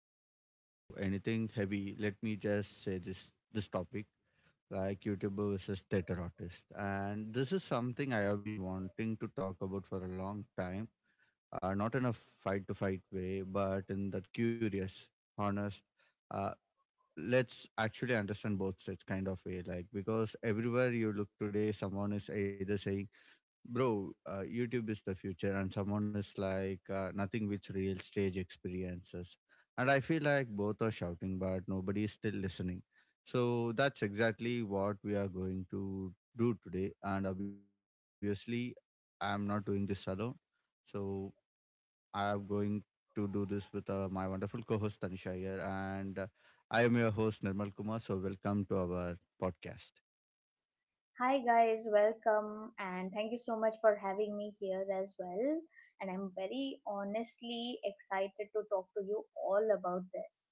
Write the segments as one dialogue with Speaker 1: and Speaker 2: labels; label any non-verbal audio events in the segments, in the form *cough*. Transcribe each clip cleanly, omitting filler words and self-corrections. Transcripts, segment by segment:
Speaker 1: we jump into anything heavy, let me just say this topic, like YouTuber versus theater artist, and this is something I have been wanting to talk about for a long time. Not in a fight to fight way, but in that curious, honest, uh, let's actually understand both sides kind of way. Like, because everywhere you look today, someone is either saying, Bro, YouTube is the future, and someone is like, nothing with real stage experiences. And I feel like both are shouting, but nobody is still listening. So that's exactly what we are going to do today. And obviously, I'm not doing this alone. So I'm going to do this with my wonderful co host, Tanisha here. And I am your host, Nirmal Kumar. So welcome to our podcast.
Speaker 2: Hi guys, welcome and thank you so much for having me here as well. And I'm very honestly excited to talk to you all about this.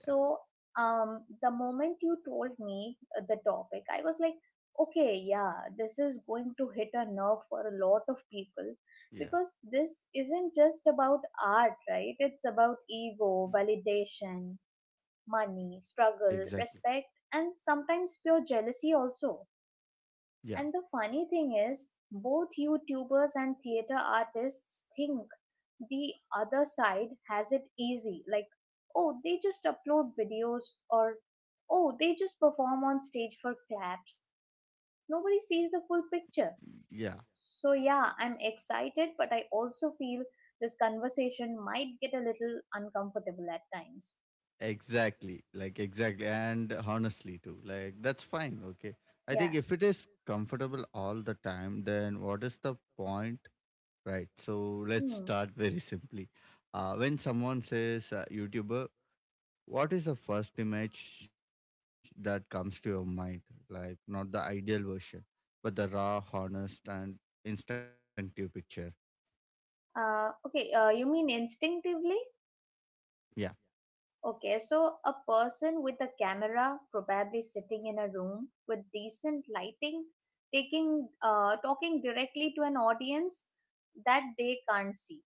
Speaker 1: Yeah.
Speaker 2: the moment you told me the topic, I was like, okay, yeah, this is going to hit a nerve for a lot of people
Speaker 1: Yeah.
Speaker 2: because this isn't just about art, right? It's about ego, validation, money,
Speaker 1: Exactly.
Speaker 2: struggle, respect, and sometimes pure jealousy also.
Speaker 1: Yeah.
Speaker 2: And the funny thing is, both YouTubers and theater artists think the other side has it easy. Like, oh, they just upload videos, or oh, they just perform on stage for claps. Nobody sees the full picture.
Speaker 1: Yeah.
Speaker 2: So, yeah, I'm excited, but I also feel this conversation might get a little uncomfortable at times.
Speaker 1: Exactly, like exactly, and honestly too, like that's fine. Okay, I
Speaker 2: Yeah.
Speaker 1: think if it is comfortable all the time, then what is the point, right? So let's
Speaker 2: Hmm.
Speaker 1: start *laughs* very simply. When someone says YouTuber, what is the first image that comes to your mind? Like, not the ideal version, but the raw, honest, and instinctive picture.
Speaker 2: Okay, you mean instinctively?
Speaker 1: Yeah,
Speaker 2: Okay, so a person with a camera, probably sitting in a room with decent lighting, taking talking directly to an audience that they can't see.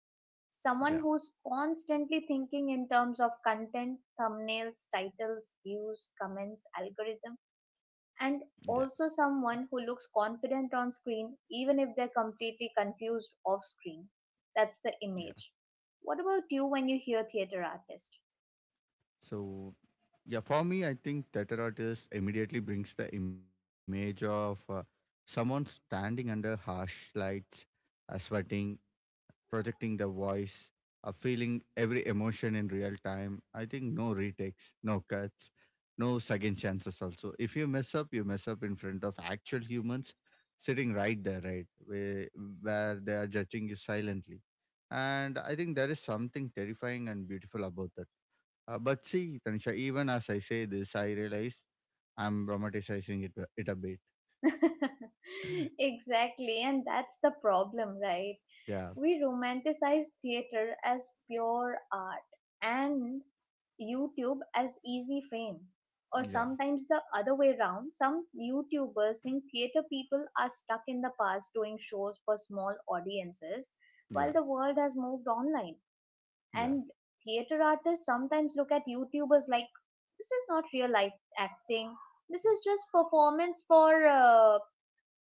Speaker 1: yeah,
Speaker 2: Someone who's constantly thinking in terms of content, thumbnails, titles, views, comments, algorithm,
Speaker 1: yeah,
Speaker 2: and also someone who looks confident on screen even if they're completely confused off screen.
Speaker 1: yeah.
Speaker 2: That's the image. What about you when you hear theater artist?
Speaker 1: So, yeah, for me, I think theater artist immediately brings the image of someone standing under harsh lights, sweating, projecting the voice, feeling every emotion in real time. I think no retakes, no cuts, no second chances. Also, if you mess up, you mess up in front of actual humans sitting right there, right, where they are judging you silently. And I think there is something terrifying and beautiful about that, but see, Tanisha, even as I say this, I realize I'm romanticizing it a bit.
Speaker 2: *laughs*
Speaker 1: *laughs*
Speaker 2: Exactly, and that's the problem, right?
Speaker 1: Yeah,
Speaker 2: We romanticize theater as pure art and YouTube as easy fame. Or
Speaker 1: yeah,
Speaker 2: sometimes the other way around, some YouTubers think theater people are stuck in the past doing shows for small audiences
Speaker 1: yeah,
Speaker 2: while the world has moved online.
Speaker 1: yeah,
Speaker 2: And theater artists sometimes look at YouTubers like this is not real life acting, this is just performance for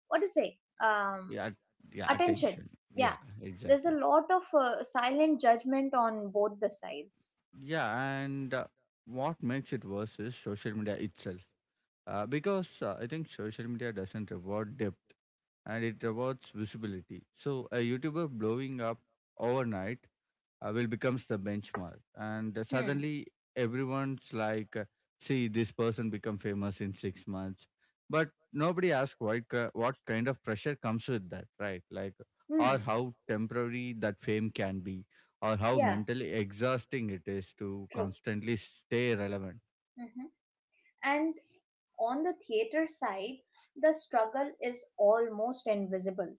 Speaker 2: what to say um,
Speaker 1: yeah, yeah.
Speaker 2: attention.
Speaker 1: Attention.
Speaker 2: Yeah,
Speaker 1: Yeah,
Speaker 2: there's a
Speaker 1: exactly.
Speaker 2: lot of silent judgment on both the sides.
Speaker 1: Yeah, and what makes it worse is social media itself, because I think social media doesn't reward depth, and it rewards visibility. So a YouTuber blowing up overnight will becomes the benchmark, and
Speaker 2: Hmm.
Speaker 1: suddenly everyone's like, see this person become famous in 6 months. But nobody asks, what kind of pressure comes with that, right? Like, or
Speaker 2: Hmm.
Speaker 1: how temporary that fame can be, or how
Speaker 2: Yeah,
Speaker 1: mentally exhausting it is to
Speaker 2: true.
Speaker 1: constantly stay relevant.
Speaker 2: Hmm. And on the theater side, the struggle is almost invisible.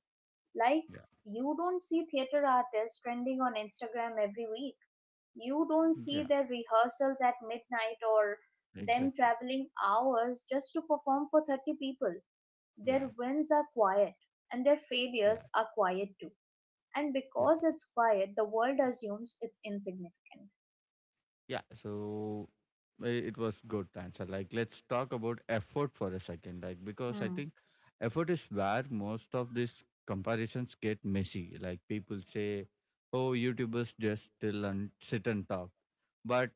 Speaker 2: Like, you don't see theater artists trending on Instagram every week. You
Speaker 1: Yeah.
Speaker 2: don't see their rehearsals at midnight or
Speaker 1: Yeah, exactly,
Speaker 2: them traveling hours just to perform for 30 people.
Speaker 1: yeah,
Speaker 2: Their wins are quiet and their
Speaker 1: yeah,
Speaker 2: failures are quiet too.
Speaker 1: yeah,
Speaker 2: And because it's quiet, the world assumes it's insignificant.
Speaker 1: yeah. So it was good answer. Like, let's talk about effort for a second. Like, because I
Speaker 2: Hmm.
Speaker 1: think effort is where most of these comparisons get messy. Like, people say, oh, YouTubers just still and sit and talk, but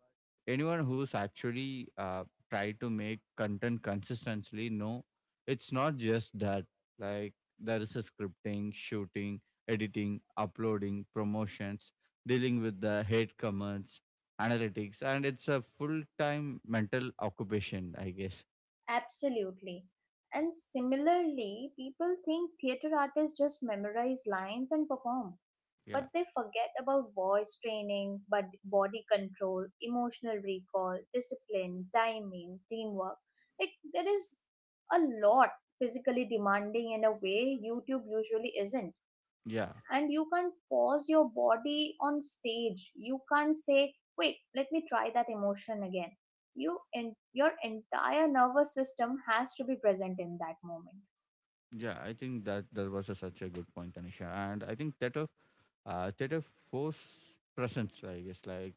Speaker 1: anyone who's actually tried to make content consistently, no, it's not just that. Like, there is a scripting, shooting, editing, uploading, promotions, dealing with the hate comments, analytics, and it's a full-time mental occupation, I guess.
Speaker 2: Absolutely. And similarly, people think theater artists just memorize lines and perform,
Speaker 1: Yeah,
Speaker 2: but they forget about voice training, but body control, emotional recall, discipline, timing, teamwork. Like, there is a lot physically demanding in a way YouTube usually isn't.
Speaker 1: yeah,
Speaker 2: And you can't pause your body on stage. You can't say wait, let me try that emotion again. You and your entire nervous system has to be present in that moment.
Speaker 1: yeah. I think that was such a good point, Tanisha. And I think theater force presence, I guess. Like,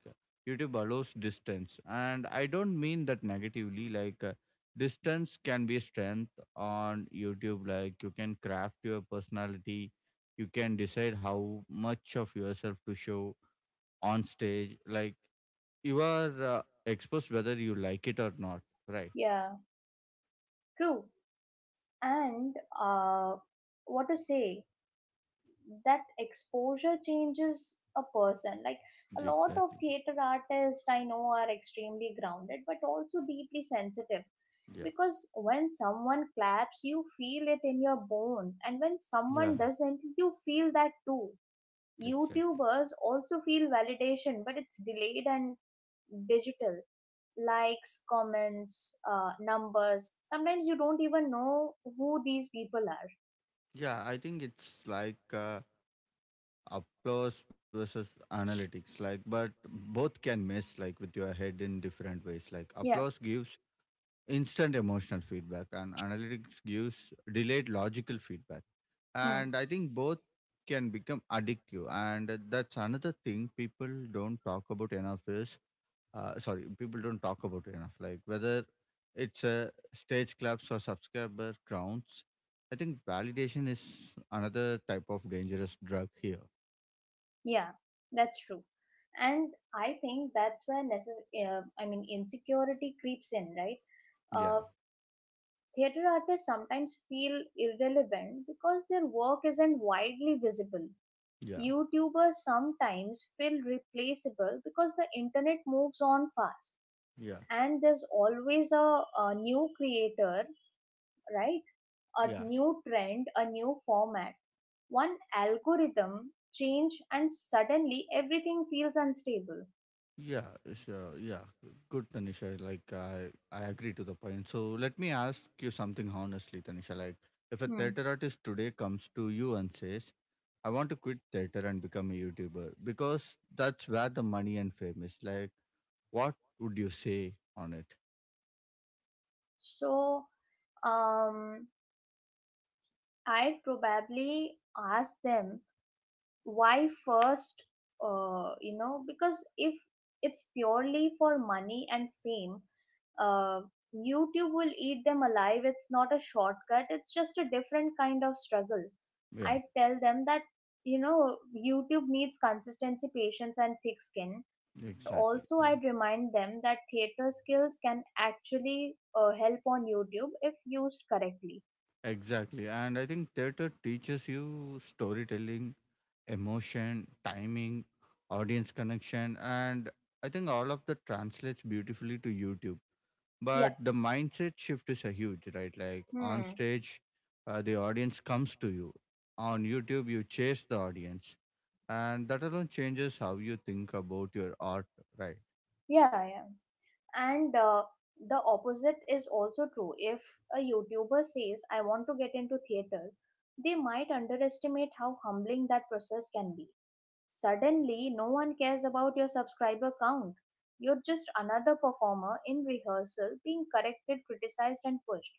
Speaker 1: YouTube allows distance, and I don't mean that negatively. Like, distance can be strength on YouTube. Like, you can craft your personality, you can decide how much of yourself to show. On stage, like, you are exposed whether you like it or not, right?
Speaker 2: Yeah. True. And what to say? That exposure changes a person. Like, a
Speaker 1: Yeah,
Speaker 2: lot of
Speaker 1: exactly,
Speaker 2: theater artists I know are extremely grounded but also deeply sensitive,
Speaker 1: yeah,
Speaker 2: because when someone claps you feel it in your bones, and when
Speaker 1: yeah,
Speaker 2: someone doesn't you feel that too.
Speaker 1: exactly,
Speaker 2: YouTubers also feel validation, but it's delayed and digital. Likes, comments, numbers, sometimes you don't even know who these people are.
Speaker 1: yeah. I think it's like, applause versus analytics. Like, but both can mess, like, with your head in different ways. Like,
Speaker 2: Yeah.
Speaker 1: applause gives instant emotional feedback, and analytics gives delayed logical feedback. And I think both can become addictive, and that's another thing people don't talk about enough is, sorry, people don't talk about it enough. Like, whether it's stage claps or subscriber counts, I think validation is another type of dangerous drug here.
Speaker 2: Yeah, that's true. And I think that's where I mean insecurity creeps in, right?
Speaker 1: Yeah,
Speaker 2: Uh, Theater artists sometimes feel irrelevant because their work isn't widely visible.
Speaker 1: yeah,
Speaker 2: YouTubers sometimes feel replaceable because the internet moves on fast,
Speaker 1: yeah,
Speaker 2: and there's always a new creator, right? A
Speaker 1: yeah,
Speaker 2: new trend, a new format. One algorithm change and suddenly everything feels unstable.
Speaker 1: yeah, sure, yeah. Good, Tanisha. Like, I agree to the point. So let me ask you something honestly, Tanisha. Like, if a
Speaker 2: Hmm.
Speaker 1: theater artist today comes to you and says, "I want to quit theater and become a YouTuber," because that's where the money and fame is. Like, what would you say on it?
Speaker 2: So, um, I'd probably ask them why first, you know, because if it's purely for money and fame, uh, YouTube will eat them alive. It's not a shortcut, it's just a different kind of struggle.
Speaker 1: Yeah,
Speaker 2: I tell them that, YouTube needs consistency, patience, and thick skin. And
Speaker 1: exactly,
Speaker 2: also, I'd remind them that theater skills can actually help on YouTube if used correctly.
Speaker 1: exactly. And I think theater teaches you storytelling, emotion, timing, audience connection, and I think all of that translates beautifully to YouTube.
Speaker 2: Yeah.
Speaker 1: But the mindset shift is a huge, right? Like, on
Speaker 2: Hmm.
Speaker 1: stage, the audience comes to you. On YouTube, you chase the audience, and that alone changes how you think about your art, right?
Speaker 2: Yeah, yeah. And the opposite is also true. If a YouTuber says, I want to get into theater, they might underestimate how humbling that process can be. Suddenly, no one cares about your subscriber count. You're just another performer in rehearsal being corrected, criticized, and pushed.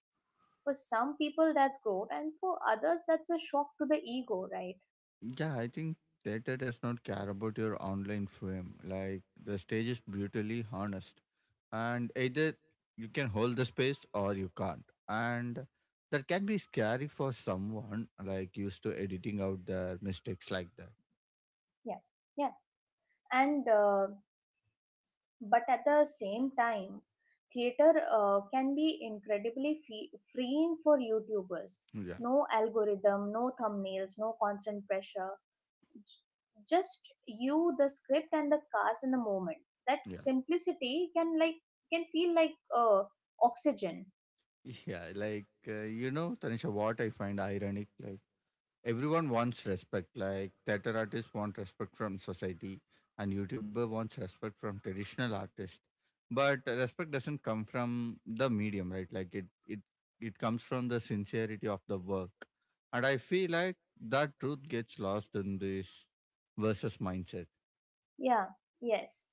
Speaker 2: For some people, that's growth, and for others, that's a shock to the ego, right?
Speaker 1: Yeah, I think theater does not care about your online fame. Like, the stage is brutally honest, and either you can hold the space or you can't. And that can be scary for someone like used to editing out their mistakes like that.
Speaker 2: Yeah, yeah. And but at the same time, theater can be incredibly fe freeing for YouTubers.
Speaker 1: Yeah,
Speaker 2: No algorithm, no thumbnails, no constant pressure. Just you, the script, and the cast in the moment. That
Speaker 1: yeah.
Speaker 2: simplicity can, feel like, uh, oxygen.
Speaker 1: *laughs* Yeah, like, Tanisha, what I find ironic, like, everyone wants respect. Like, theater artists want respect from society, and YouTuber wants respect from traditional artists. But respect doesn't come from the medium, right? Like, it comes from the sincerity of the work, and I feel like that truth gets lost in this versus mindset.
Speaker 2: Yeah. Yes.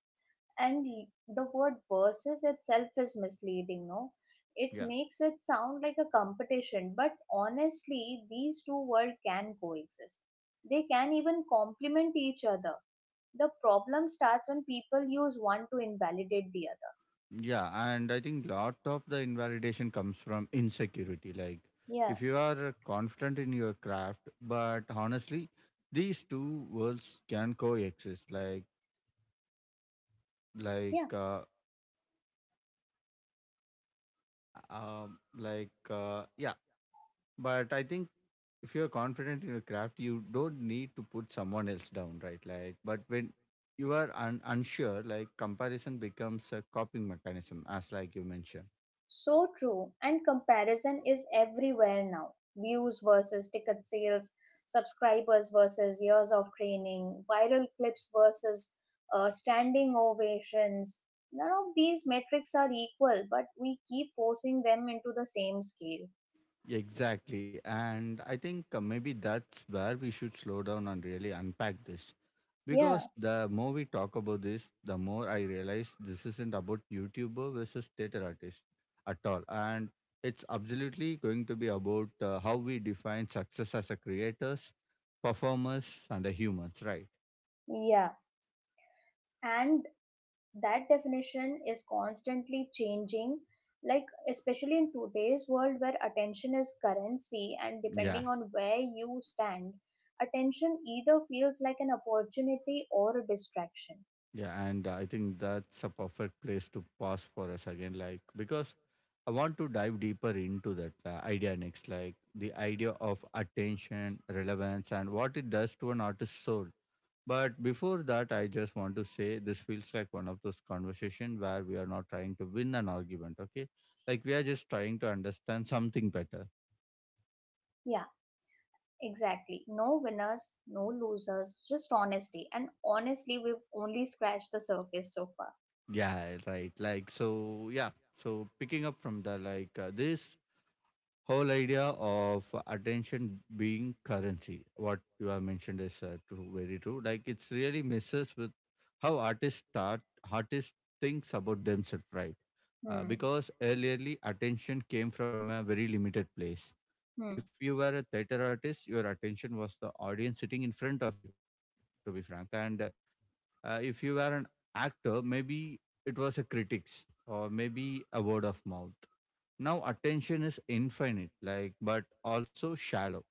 Speaker 2: And the word versus itself is misleading, no? It
Speaker 1: Yeah.
Speaker 2: makes it sound like a competition, but honestly, these two worlds can coexist. They can even complement each other. The problem starts when people use one to invalidate the other.
Speaker 1: Yeah, and I think lot of the invalidation comes from insecurity. Like,
Speaker 2: Yeah.
Speaker 1: if you are confident in your craft, but honestly, these two worlds can coexist. Like uh, like, yeah, but I think if you're confident in your craft, you don't need to put someone else down, right? Like, but when you are unsure, like, comparison becomes a coping mechanism, as, like, you mentioned.
Speaker 2: So true, and comparison is everywhere now. Views versus ticket sales, subscribers versus years of training, viral clips versus standing ovations. None of these metrics are equal, but we keep forcing them into the same scale.
Speaker 1: Exactly. And I think maybe that's where we should slow down and really unpack this.
Speaker 2: Yeah,
Speaker 1: Because the more we talk about this, the more I realize this isn't about YouTuber versus theater artist at all. And it's absolutely going to be about how we define success as a creators, performers, and a humans, right?
Speaker 2: yeah. And that definition is constantly changing, like especially in today's world where attention is currency, and
Speaker 1: Yeah.
Speaker 2: depending on where you stand, attention either feels like an opportunity or a distraction.
Speaker 1: Yeah. And I think that's a perfect place to pause for us again. Like, because I want to dive deeper into that idea next, like the idea of attention, relevance, and what it does to an artist's soul. But before that, I just want to say this feels like one of those conversations where we are not trying to win an argument, okay? Like, we are just trying to understand something better.
Speaker 2: Yeah, exactly. No winners, no losers, just honesty, and honestly we've only scratched the surface so far.
Speaker 1: Yeah, right. Like, so, yeah. So, picking up from this whole idea of attention being currency, what you have mentioned is true, very true. Like, it's really messes with how artists start, artists thinks about themselves, right?
Speaker 2: Hmm.
Speaker 1: Because earlierly attention came from a very limited place.
Speaker 2: Hmm.
Speaker 1: If you were a theater artist, your attention was the audience sitting in front of you, to be frank. And if you were an actor, maybe it was a critics, or maybe a word of mouth. Now attention is infinite, like, but also shallow,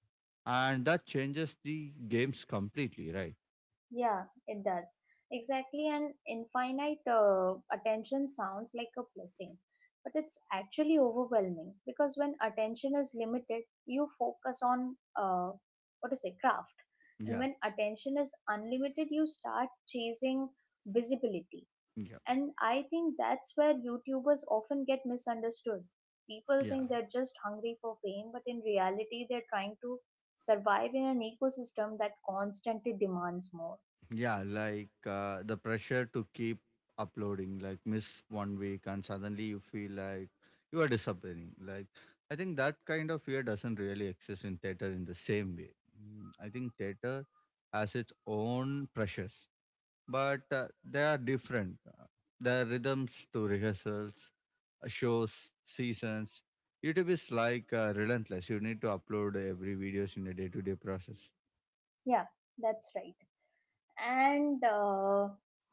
Speaker 1: and that changes the games completely, right?
Speaker 2: Yeah, it does. Exactly. And infinite attention sounds like a blessing, but it's actually overwhelming, because when attention is limited, you focus on, craft. And
Speaker 1: Yeah,
Speaker 2: when attention is unlimited, you start chasing visibility.
Speaker 1: yeah,
Speaker 2: And I think that's where YouTubers often get misunderstood. People
Speaker 1: yeah.
Speaker 2: think they're just hungry for fame, but in reality, they're trying to survive in an ecosystem that constantly demands more.
Speaker 1: Yeah, like, the pressure to keep uploading. Like, miss 1 week and suddenly you feel like you are disappearing. Like, I think that kind of fear doesn't really exist in theater in the same way. Mm, I think theater has its own pressures, but they are different. There are rhythms to rehearsals, shows, seasons. YouTube is like, relentless. You need to upload every videos in a day-to-day process.
Speaker 2: Yeah, that's right. And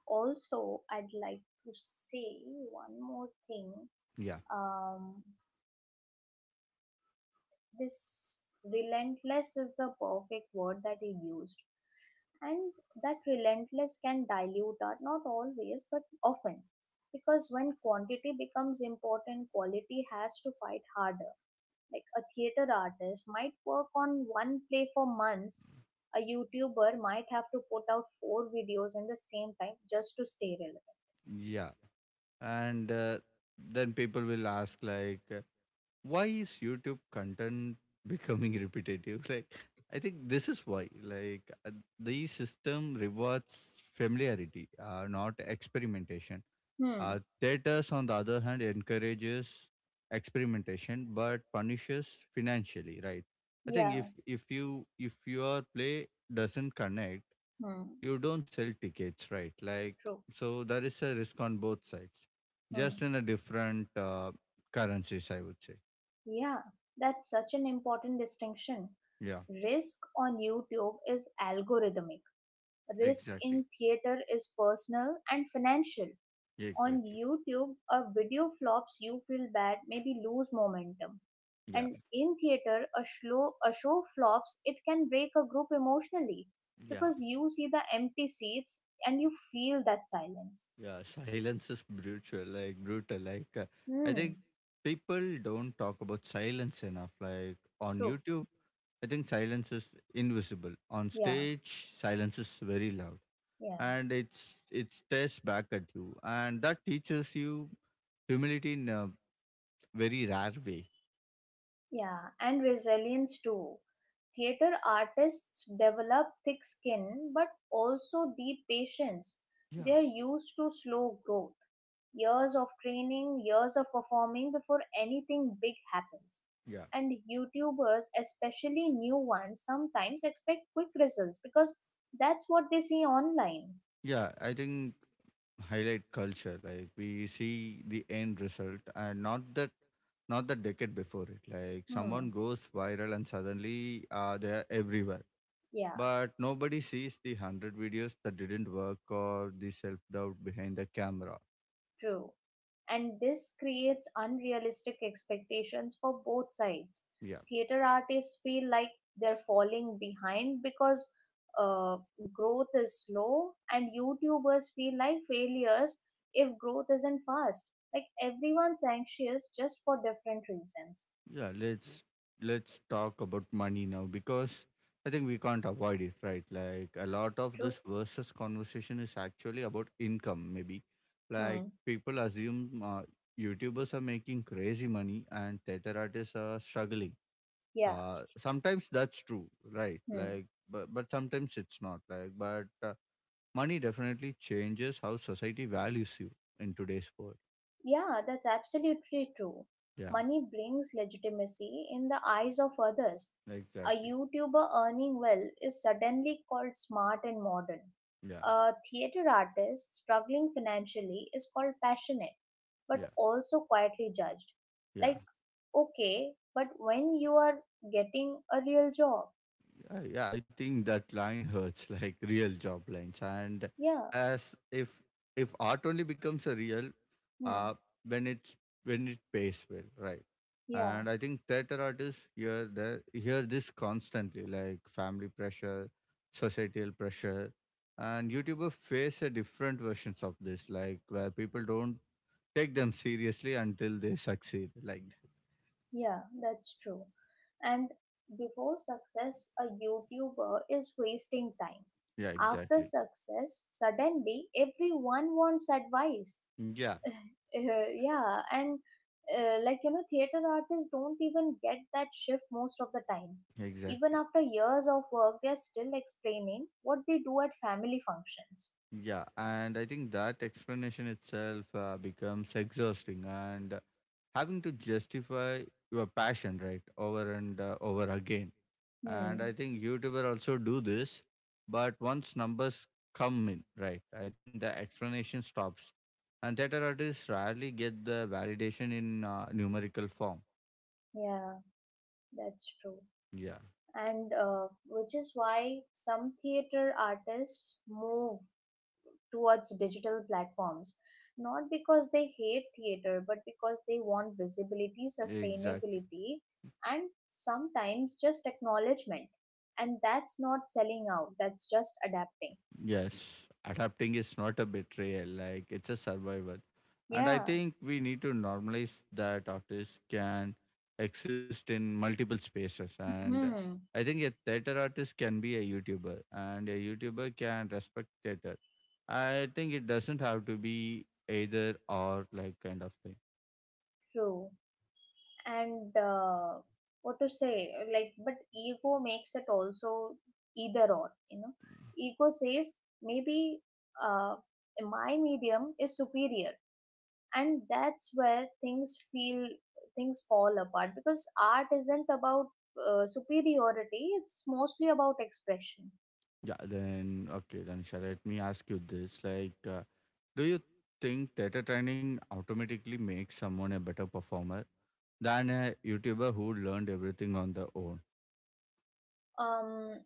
Speaker 2: also, I'd like to say one more thing.
Speaker 1: Yeah.
Speaker 2: Um, this relentless is the perfect word that he used. And that relentless can dilute art, not always, but often. Because when quantity becomes important, quality has to fight harder. Like, a theater artist might work on one play for months. A YouTuber might have to put out four videos at the same time just to stay relevant.
Speaker 1: Yeah, and then people will ask, like, why is YouTube content becoming *laughs* repetitive? Like, I think this is why, like, the system rewards familiarity, not experimentation.
Speaker 2: Hmm.
Speaker 1: Theaters on the other hand encourages experimentation but punishes financially, right? I think
Speaker 2: Yeah.
Speaker 1: if you if your play doesn't connect,
Speaker 2: Hmm.
Speaker 1: you don't sell tickets, right? Like,
Speaker 2: True.
Speaker 1: so there is a risk on both sides,
Speaker 2: Hmm.
Speaker 1: just in a different currencies, I would say.
Speaker 2: Yeah. That's such an important distinction.
Speaker 1: Yeah.
Speaker 2: Risk on YouTube is algorithmic. Risk
Speaker 1: Exactly.
Speaker 2: in theater is personal and financial.
Speaker 1: Yeah,
Speaker 2: On
Speaker 1: exactly,
Speaker 2: YouTube, a video flops, you feel bad, maybe lose momentum.
Speaker 1: yeah,
Speaker 2: And in theater, a show flops, it can break a group emotionally,
Speaker 1: yeah,
Speaker 2: because you see the empty seats and you feel that silence.
Speaker 1: yeah. Silence is brutal, like, brutal, like, I
Speaker 2: Hmm.
Speaker 1: think people don't talk about silence enough. Like, on
Speaker 2: True.
Speaker 1: YouTube, I think silence is invisible. On
Speaker 2: Yeah,
Speaker 1: stage, silence is very loud,
Speaker 2: yeah,
Speaker 1: and it stares back at you, and that teaches you humility in a very rare way.
Speaker 2: yeah. And resilience too. Theater artists develop thick skin but also deep patience.
Speaker 1: Yeah.
Speaker 2: They are used to slow growth, years of training, years of performing before anything big happens.
Speaker 1: Yeah.
Speaker 2: And YouTubers, especially new ones, sometimes expect quick results because that's what they see online.
Speaker 1: Yeah, I think highlight culture. Like, we see the end result, and not the decade before it. Like, someone
Speaker 2: Hmm,
Speaker 1: goes viral and suddenly they are everywhere.
Speaker 2: yeah,
Speaker 1: But nobody sees the 100 videos that didn't work, or the self doubt behind the camera.
Speaker 2: true. And this creates unrealistic expectations for both sides.
Speaker 1: Yeah.
Speaker 2: Theater artists feel like they're falling behind because uh, growth is slow, and YouTubers feel like failures if growth isn't fast. Like, everyone's anxious just for different reasons.
Speaker 1: Yeah, let's talk about money now, because I think we can't avoid it, right? Like a lot of
Speaker 2: True.
Speaker 1: this versus conversation is actually about income maybe. Like
Speaker 2: Hmm.
Speaker 1: people assume YouTubers are making crazy money and theater artists are struggling.
Speaker 2: Yeah.
Speaker 1: Uh, sometimes that's true, right?
Speaker 2: Hmm.
Speaker 1: Like but sometimes it's not, like, but money definitely changes how society values you in today's world.
Speaker 2: Yeah, that's absolutely true.
Speaker 1: Yeah,
Speaker 2: Money brings legitimacy in the eyes of others. A
Speaker 1: exactly.
Speaker 2: YouTuber earning well is suddenly called smart and modern.
Speaker 1: Yeah,
Speaker 2: A theater artist struggling financially is called passionate,
Speaker 1: yeah,
Speaker 2: but also quietly judged.
Speaker 1: yeah.
Speaker 2: Like, okay, but when you are getting a real job,
Speaker 1: Yeah, I think that line hurts *laughs* like real job lines, and
Speaker 2: yeah,
Speaker 1: as if art only becomes a real, uh,
Speaker 2: hmm,
Speaker 1: when it's when it pays well, right?
Speaker 2: yeah.
Speaker 1: And I think theater artists hear the hear this constantly, like family pressure, societal pressure, and YouTuber face a different versions of this, like where people don't take them seriously until they succeed. Like, that.
Speaker 2: Yeah, that's true. And before success, a YouTuber is wasting time.
Speaker 1: Yeah,
Speaker 2: After
Speaker 1: exactly.
Speaker 2: success, suddenly everyone wants advice.
Speaker 1: Yeah,
Speaker 2: *laughs* Yeah, and like, theater artists don't even get that shift most of the time. Even
Speaker 1: exactly.
Speaker 2: after years of work, they're still explaining what they do at family functions.
Speaker 1: Yeah, and I think that explanation itself becomes exhausting, and having to justify your passion, right, over and over again. And I
Speaker 2: Hmm.
Speaker 1: think YouTuber also do this, but once numbers come in, right, I think the explanation stops. And theater artists rarely get the validation in numerical form.
Speaker 2: Yeah, that's true.
Speaker 1: Yeah,
Speaker 2: And which is why some theater artists move towards digital platforms, not because they hate theater, but because they want visibility,
Speaker 1: exactly.
Speaker 2: sustainability, and sometimes just acknowledgement. And that's not selling out, that's just adapting.
Speaker 1: Yes, adapting is not a betrayal, like it's a survival. And I
Speaker 2: Yeah,
Speaker 1: think we need to normalize that artists can exist in multiple spaces. And
Speaker 2: hmm,
Speaker 1: I think a theater artist can be a YouTuber, and a YouTuber can respect theater. I think it doesn't have to be either or, like, kind of thing.
Speaker 2: true. And what to say, like, but ego makes it also either or. Ego says maybe uh, my medium is superior, and that's where things fall apart, because art isn't about superiority, it's mostly about expression.
Speaker 1: Yeah, then, okay, then shall let me ask you this. Like, do you think theater training automatically makes someone a better performer than a YouTuber who learned everything on their own?
Speaker 2: um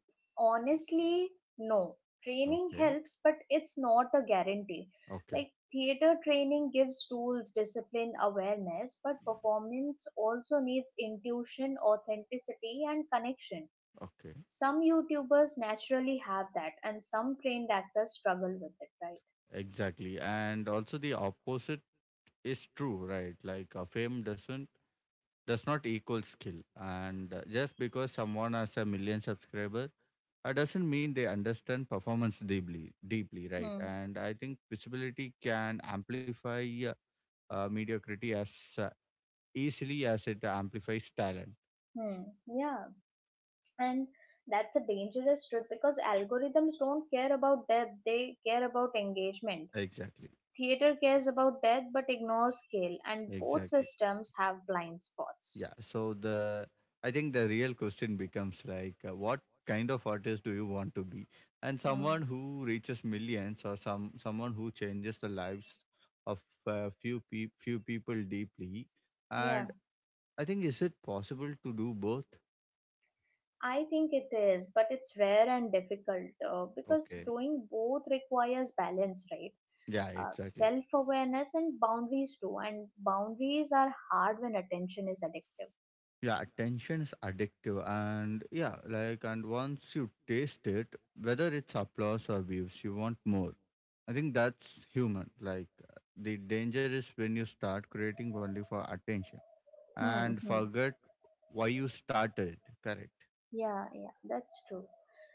Speaker 2: Honestly, no. Training
Speaker 1: Okay,
Speaker 2: helps, but it's not a guarantee.
Speaker 1: okay,
Speaker 2: Like, theater training gives tools, discipline, awareness, but performance also needs intuition, authenticity, and connection.
Speaker 1: okay,
Speaker 2: Some YouTubers naturally have that, and some trained actors struggle with it, right?
Speaker 1: exactly. And also the opposite is true, right? Like, fame doesn't does not equal skill, and just because someone has a million subscribers, that doesn't mean they understand performance deeply, deeply, right?
Speaker 2: Hmm.
Speaker 1: And I think visibility can amplify mediocrity as uh, easily as it amplifies talent.
Speaker 2: Hmm. Yeah, and that's a dangerous truth, because algorithms don't care about depth, they care about engagement.
Speaker 1: Exactly,
Speaker 2: Theater cares about depth but ignores scale, and both
Speaker 1: exactly.
Speaker 2: systems have blind spots.
Speaker 1: Yeah. So the I think the real question becomes, like, what kind of artist do you want to be? And someone
Speaker 2: Hmm.
Speaker 1: who reaches millions, or someone who changes the lives of few people deeply.
Speaker 2: Yeah,
Speaker 1: And I think is it possible to do both?
Speaker 2: I think it is, but it's rare and difficult, because
Speaker 1: Okay.
Speaker 2: doing both requires balance, right?
Speaker 1: Yeah, exactly.
Speaker 2: Self awareness and boundaries too, and boundaries are hard when attention is addictive.
Speaker 1: Yeah, attention is addictive, and yeah, like, and once you taste it, whether it's applause or views, you want more. I think that's human. Like, the danger is when you start creating only for attention
Speaker 2: Hmm.
Speaker 1: and
Speaker 2: Hmm.
Speaker 1: forget why you started it. Correct.
Speaker 2: Yeah, yeah, that's true.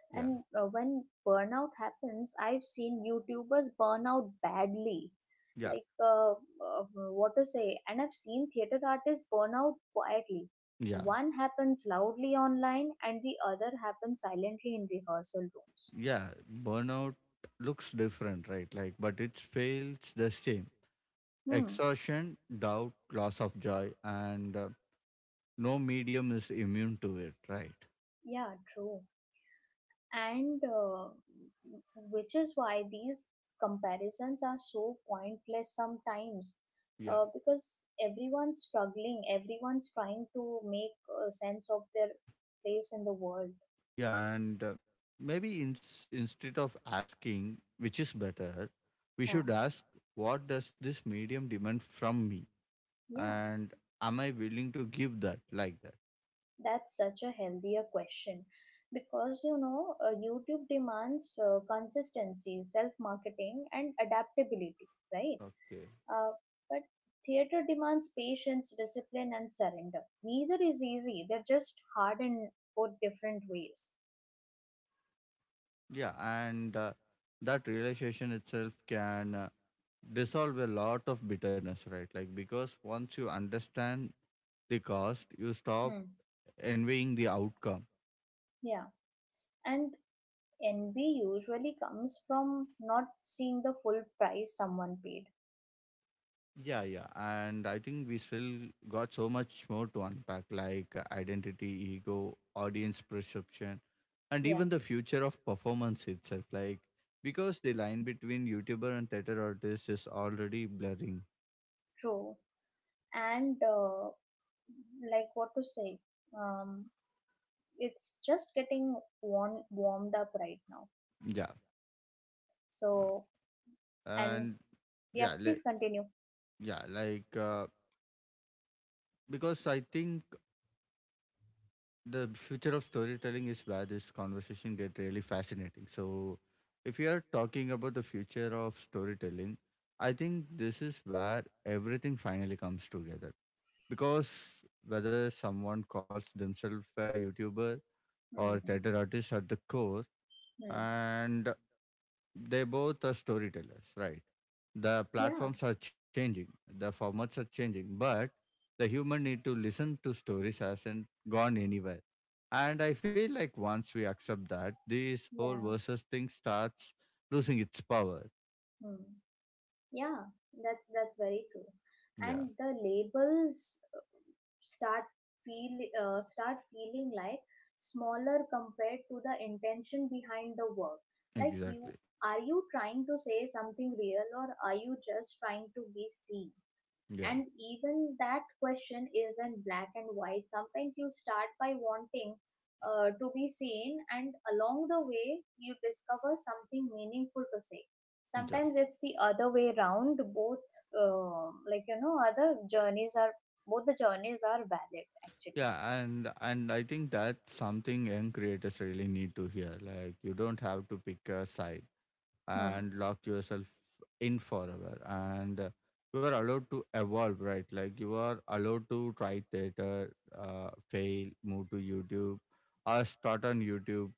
Speaker 1: Yeah,
Speaker 2: And when burnout happens, I've seen YouTubers burn out badly.
Speaker 1: yeah,
Speaker 2: Like, what to say? And I've seen theater artists burn out quietly.
Speaker 1: yeah,
Speaker 2: One happens loudly online, and the other happens silently in rehearsal rooms.
Speaker 1: yeah. Burnout looks different, right? Like, but it fails the same.
Speaker 2: Hmm.
Speaker 1: Exhaustion, doubt, loss of joy, and no medium is immune to it, right?
Speaker 2: Yeah, true. And which is why these comparisons are so pointless sometimes,
Speaker 1: Yeah.
Speaker 2: because everyone's struggling, everyone's trying to make a sense of their place in the world.
Speaker 1: Yeah, and maybe in, instead of asking which is better, we
Speaker 2: Huh.
Speaker 1: should ask what does this medium demand from me,
Speaker 2: Yeah,
Speaker 1: and am I willing to give that like that?
Speaker 2: that's such a healthier question, because YouTube demands consistency, self marketing, and adaptability, right?
Speaker 1: Okay.
Speaker 2: Uh, but theater demands patience, discipline, and surrender. Neither is easy. They're just hard in both different ways.
Speaker 1: Yeah, and that realization itself can dissolve a lot of bitterness, right? Like because once you understand the cost, you stop
Speaker 2: Hmm.
Speaker 1: envying the outcome.
Speaker 2: Yeah. And envy usually comes from not seeing the full price someone paid.
Speaker 1: Yeah, yeah. And I think we still got so much more to unpack, like identity, ego, audience perception, and
Speaker 2: Yeah,
Speaker 1: even the future of performance itself. Like, because the line between YouTuber and theater artist is already blurring.
Speaker 2: true. And like, what to say? Um, it's just getting warmed up right now.
Speaker 1: Yeah. uh,
Speaker 2: So, and
Speaker 1: And
Speaker 2: yeah,
Speaker 1: yeah,
Speaker 2: please
Speaker 1: le-
Speaker 2: continue.
Speaker 1: yeah, like, because I think the future of storytelling is where this conversation get really fascinating. So, if you are talking about the future of storytelling, I think this is where everything finally comes together. Because whether someone calls themselves a YouTuber or
Speaker 2: Hmm.
Speaker 1: theater artist at the core,
Speaker 2: Hmm.
Speaker 1: and they both are storytellers, right? The
Speaker 2: Yeah.
Speaker 1: platforms are changing, the formats are changing, but the human need to listen to stories hasn't gone anywhere. And I feel like once we accept that, this whole
Speaker 2: Yeah.
Speaker 1: versus thing starts losing its power.
Speaker 2: Hmm. Yeah, that's very true.
Speaker 1: Yeah,
Speaker 2: And the labels start start feeling like smaller compared to the intention behind the work. Like
Speaker 1: exactly.
Speaker 2: are you trying to say something real, or are you just trying to be seen?
Speaker 1: Yeah,
Speaker 2: And even that question isn't black and white. Sometimes you start by wanting to be seen, and along the way you discover something meaningful to say.
Speaker 1: yeah,
Speaker 2: Sometimes it's the other way around, both. Like, other journeys are both the journeys are valid actually.
Speaker 1: yeah. And I think that's something young creators really need to hear. Like you don't have to pick a side
Speaker 2: Hmm.
Speaker 1: and lock yourself in forever, and you are allowed to evolve, right? Like you are allowed to try theater, fail, move to YouTube, or start on YouTube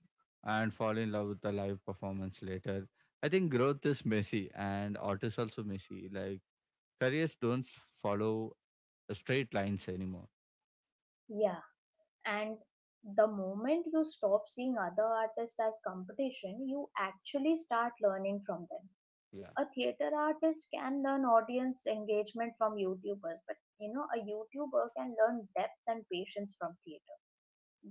Speaker 1: and fall in love with the live performance later. I think growth is messy, and art is also messy. Like careers don't follow straight lines anymore.
Speaker 2: Yeah, and the moment you stop seeing other artists as competition, you actually start learning from them.
Speaker 1: Yeah.
Speaker 2: A theater artist can learn audience engagement from YouTubers, but, you know, a YouTuber can learn depth and patience from theater.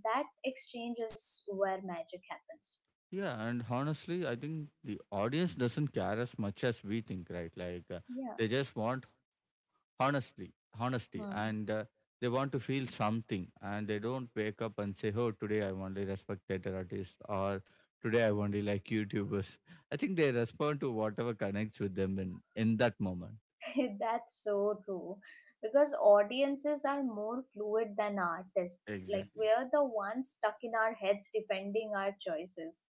Speaker 2: That exchange is where magic happens.
Speaker 1: Yeah, and honestly, I think the audience doesn't care as much as we think, right? Like,
Speaker 2: Yeah,
Speaker 1: they just want honestly honesty,
Speaker 2: hmm.
Speaker 1: and they want to feel something, and they don't wake up and say, oh, today I only respect theater artists, or today I only like YouTubers. I think they respond to whatever connects with them in that moment.
Speaker 2: *laughs* That's so true. Because audiences are more fluid than artists. Like,
Speaker 1: Exactly.
Speaker 2: we're the ones stuck in our heads defending our choices.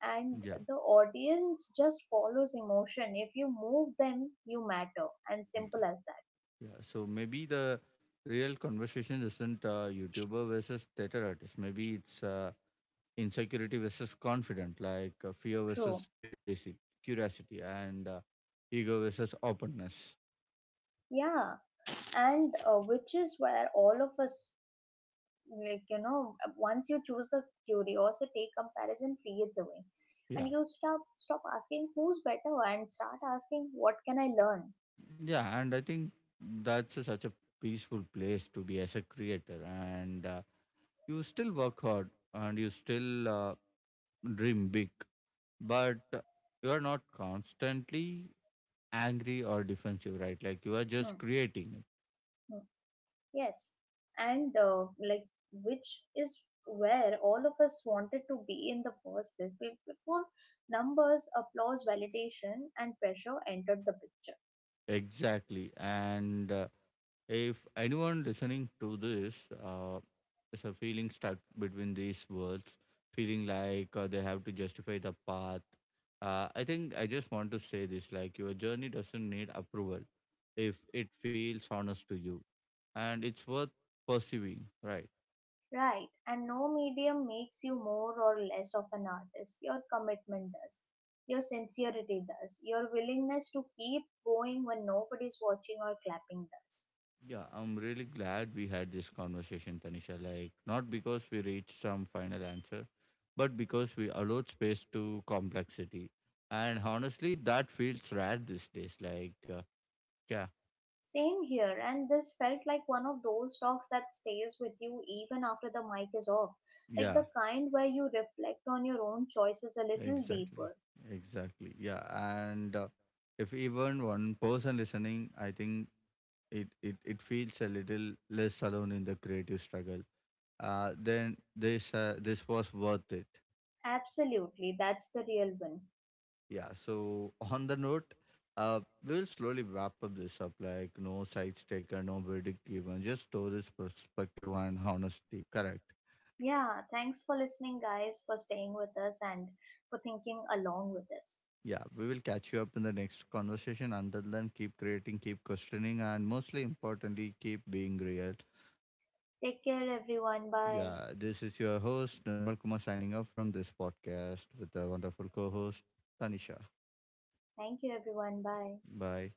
Speaker 2: And
Speaker 1: Yeah.
Speaker 2: the audience just follows emotion. If you move them, you matter. And
Speaker 1: Mm.
Speaker 2: simple as that.
Speaker 1: Yeah, so maybe the real conversation isn't YouTuber versus theater artist. Maybe it's, insecurity versus confident, like, fear
Speaker 2: True.
Speaker 1: versus curiosity and ego versus openness.
Speaker 2: Yeah, and which is where all of us, once you choose the curiosity, comparison fades away,
Speaker 1: Yeah.
Speaker 2: and you stop asking who's better and start asking what can I learn.
Speaker 1: Yeah, and I think that's a, such a peaceful place to be as a creator. And you still work hard, and you still dream big, but you are not constantly angry or defensive, right? Like you are
Speaker 2: Hmm.
Speaker 1: just creating.
Speaker 2: Hmm. Yes, and like, which is where all of us wanted to be in the first place, before numbers, applause, validation, and pressure entered the picture.
Speaker 1: Exactly. And if anyone listening to this uh, is a feeling stuck between these worlds, feeling like they have to justify the path, I think I just want to say this: like your journey doesn't need approval if it feels honest to you, and it's worth pursuing. Right.
Speaker 2: Right, and no medium makes you more or less of an artist. Your commitment does, your sincerity does, your willingness to keep going when nobody's watching or clapping does.
Speaker 1: Yeah, I'm really glad we had this conversation, Tanisha. Like, not because we reached some final answer, but because we allowed space to complexity. And honestly, that feels rare these days. Like, yeah,
Speaker 2: Same here, and this felt like one of those talks that stays with you even after the mic is off, like
Speaker 1: yeah,
Speaker 2: the kind where you reflect on your own choices a little
Speaker 1: exactly.
Speaker 2: deeper.
Speaker 1: Exactly. Yeah. And if even one person listening, I think it feels a little less alone in the creative struggle. Then this this was worth it.
Speaker 2: Absolutely, that's the real one.
Speaker 1: Yeah. So on the note, uh, we'll slowly wrap up this up. Like no sides taken, no verdict given, just stories, perspective, and honesty. Correct.
Speaker 2: Yeah, thanks for listening, guys, for staying with us, and for thinking along with us.
Speaker 1: Yeah. We will catch you up in the next conversation. Until then, keep creating, keep questioning, and mostly importantly, keep being real.
Speaker 2: Take care, everyone. Bye.
Speaker 1: Yeah. This is your host Nirmal Kumar signing off from this podcast with the wonderful co-host Tanisha.
Speaker 2: Thank you, everyone. Bye.
Speaker 1: Bye.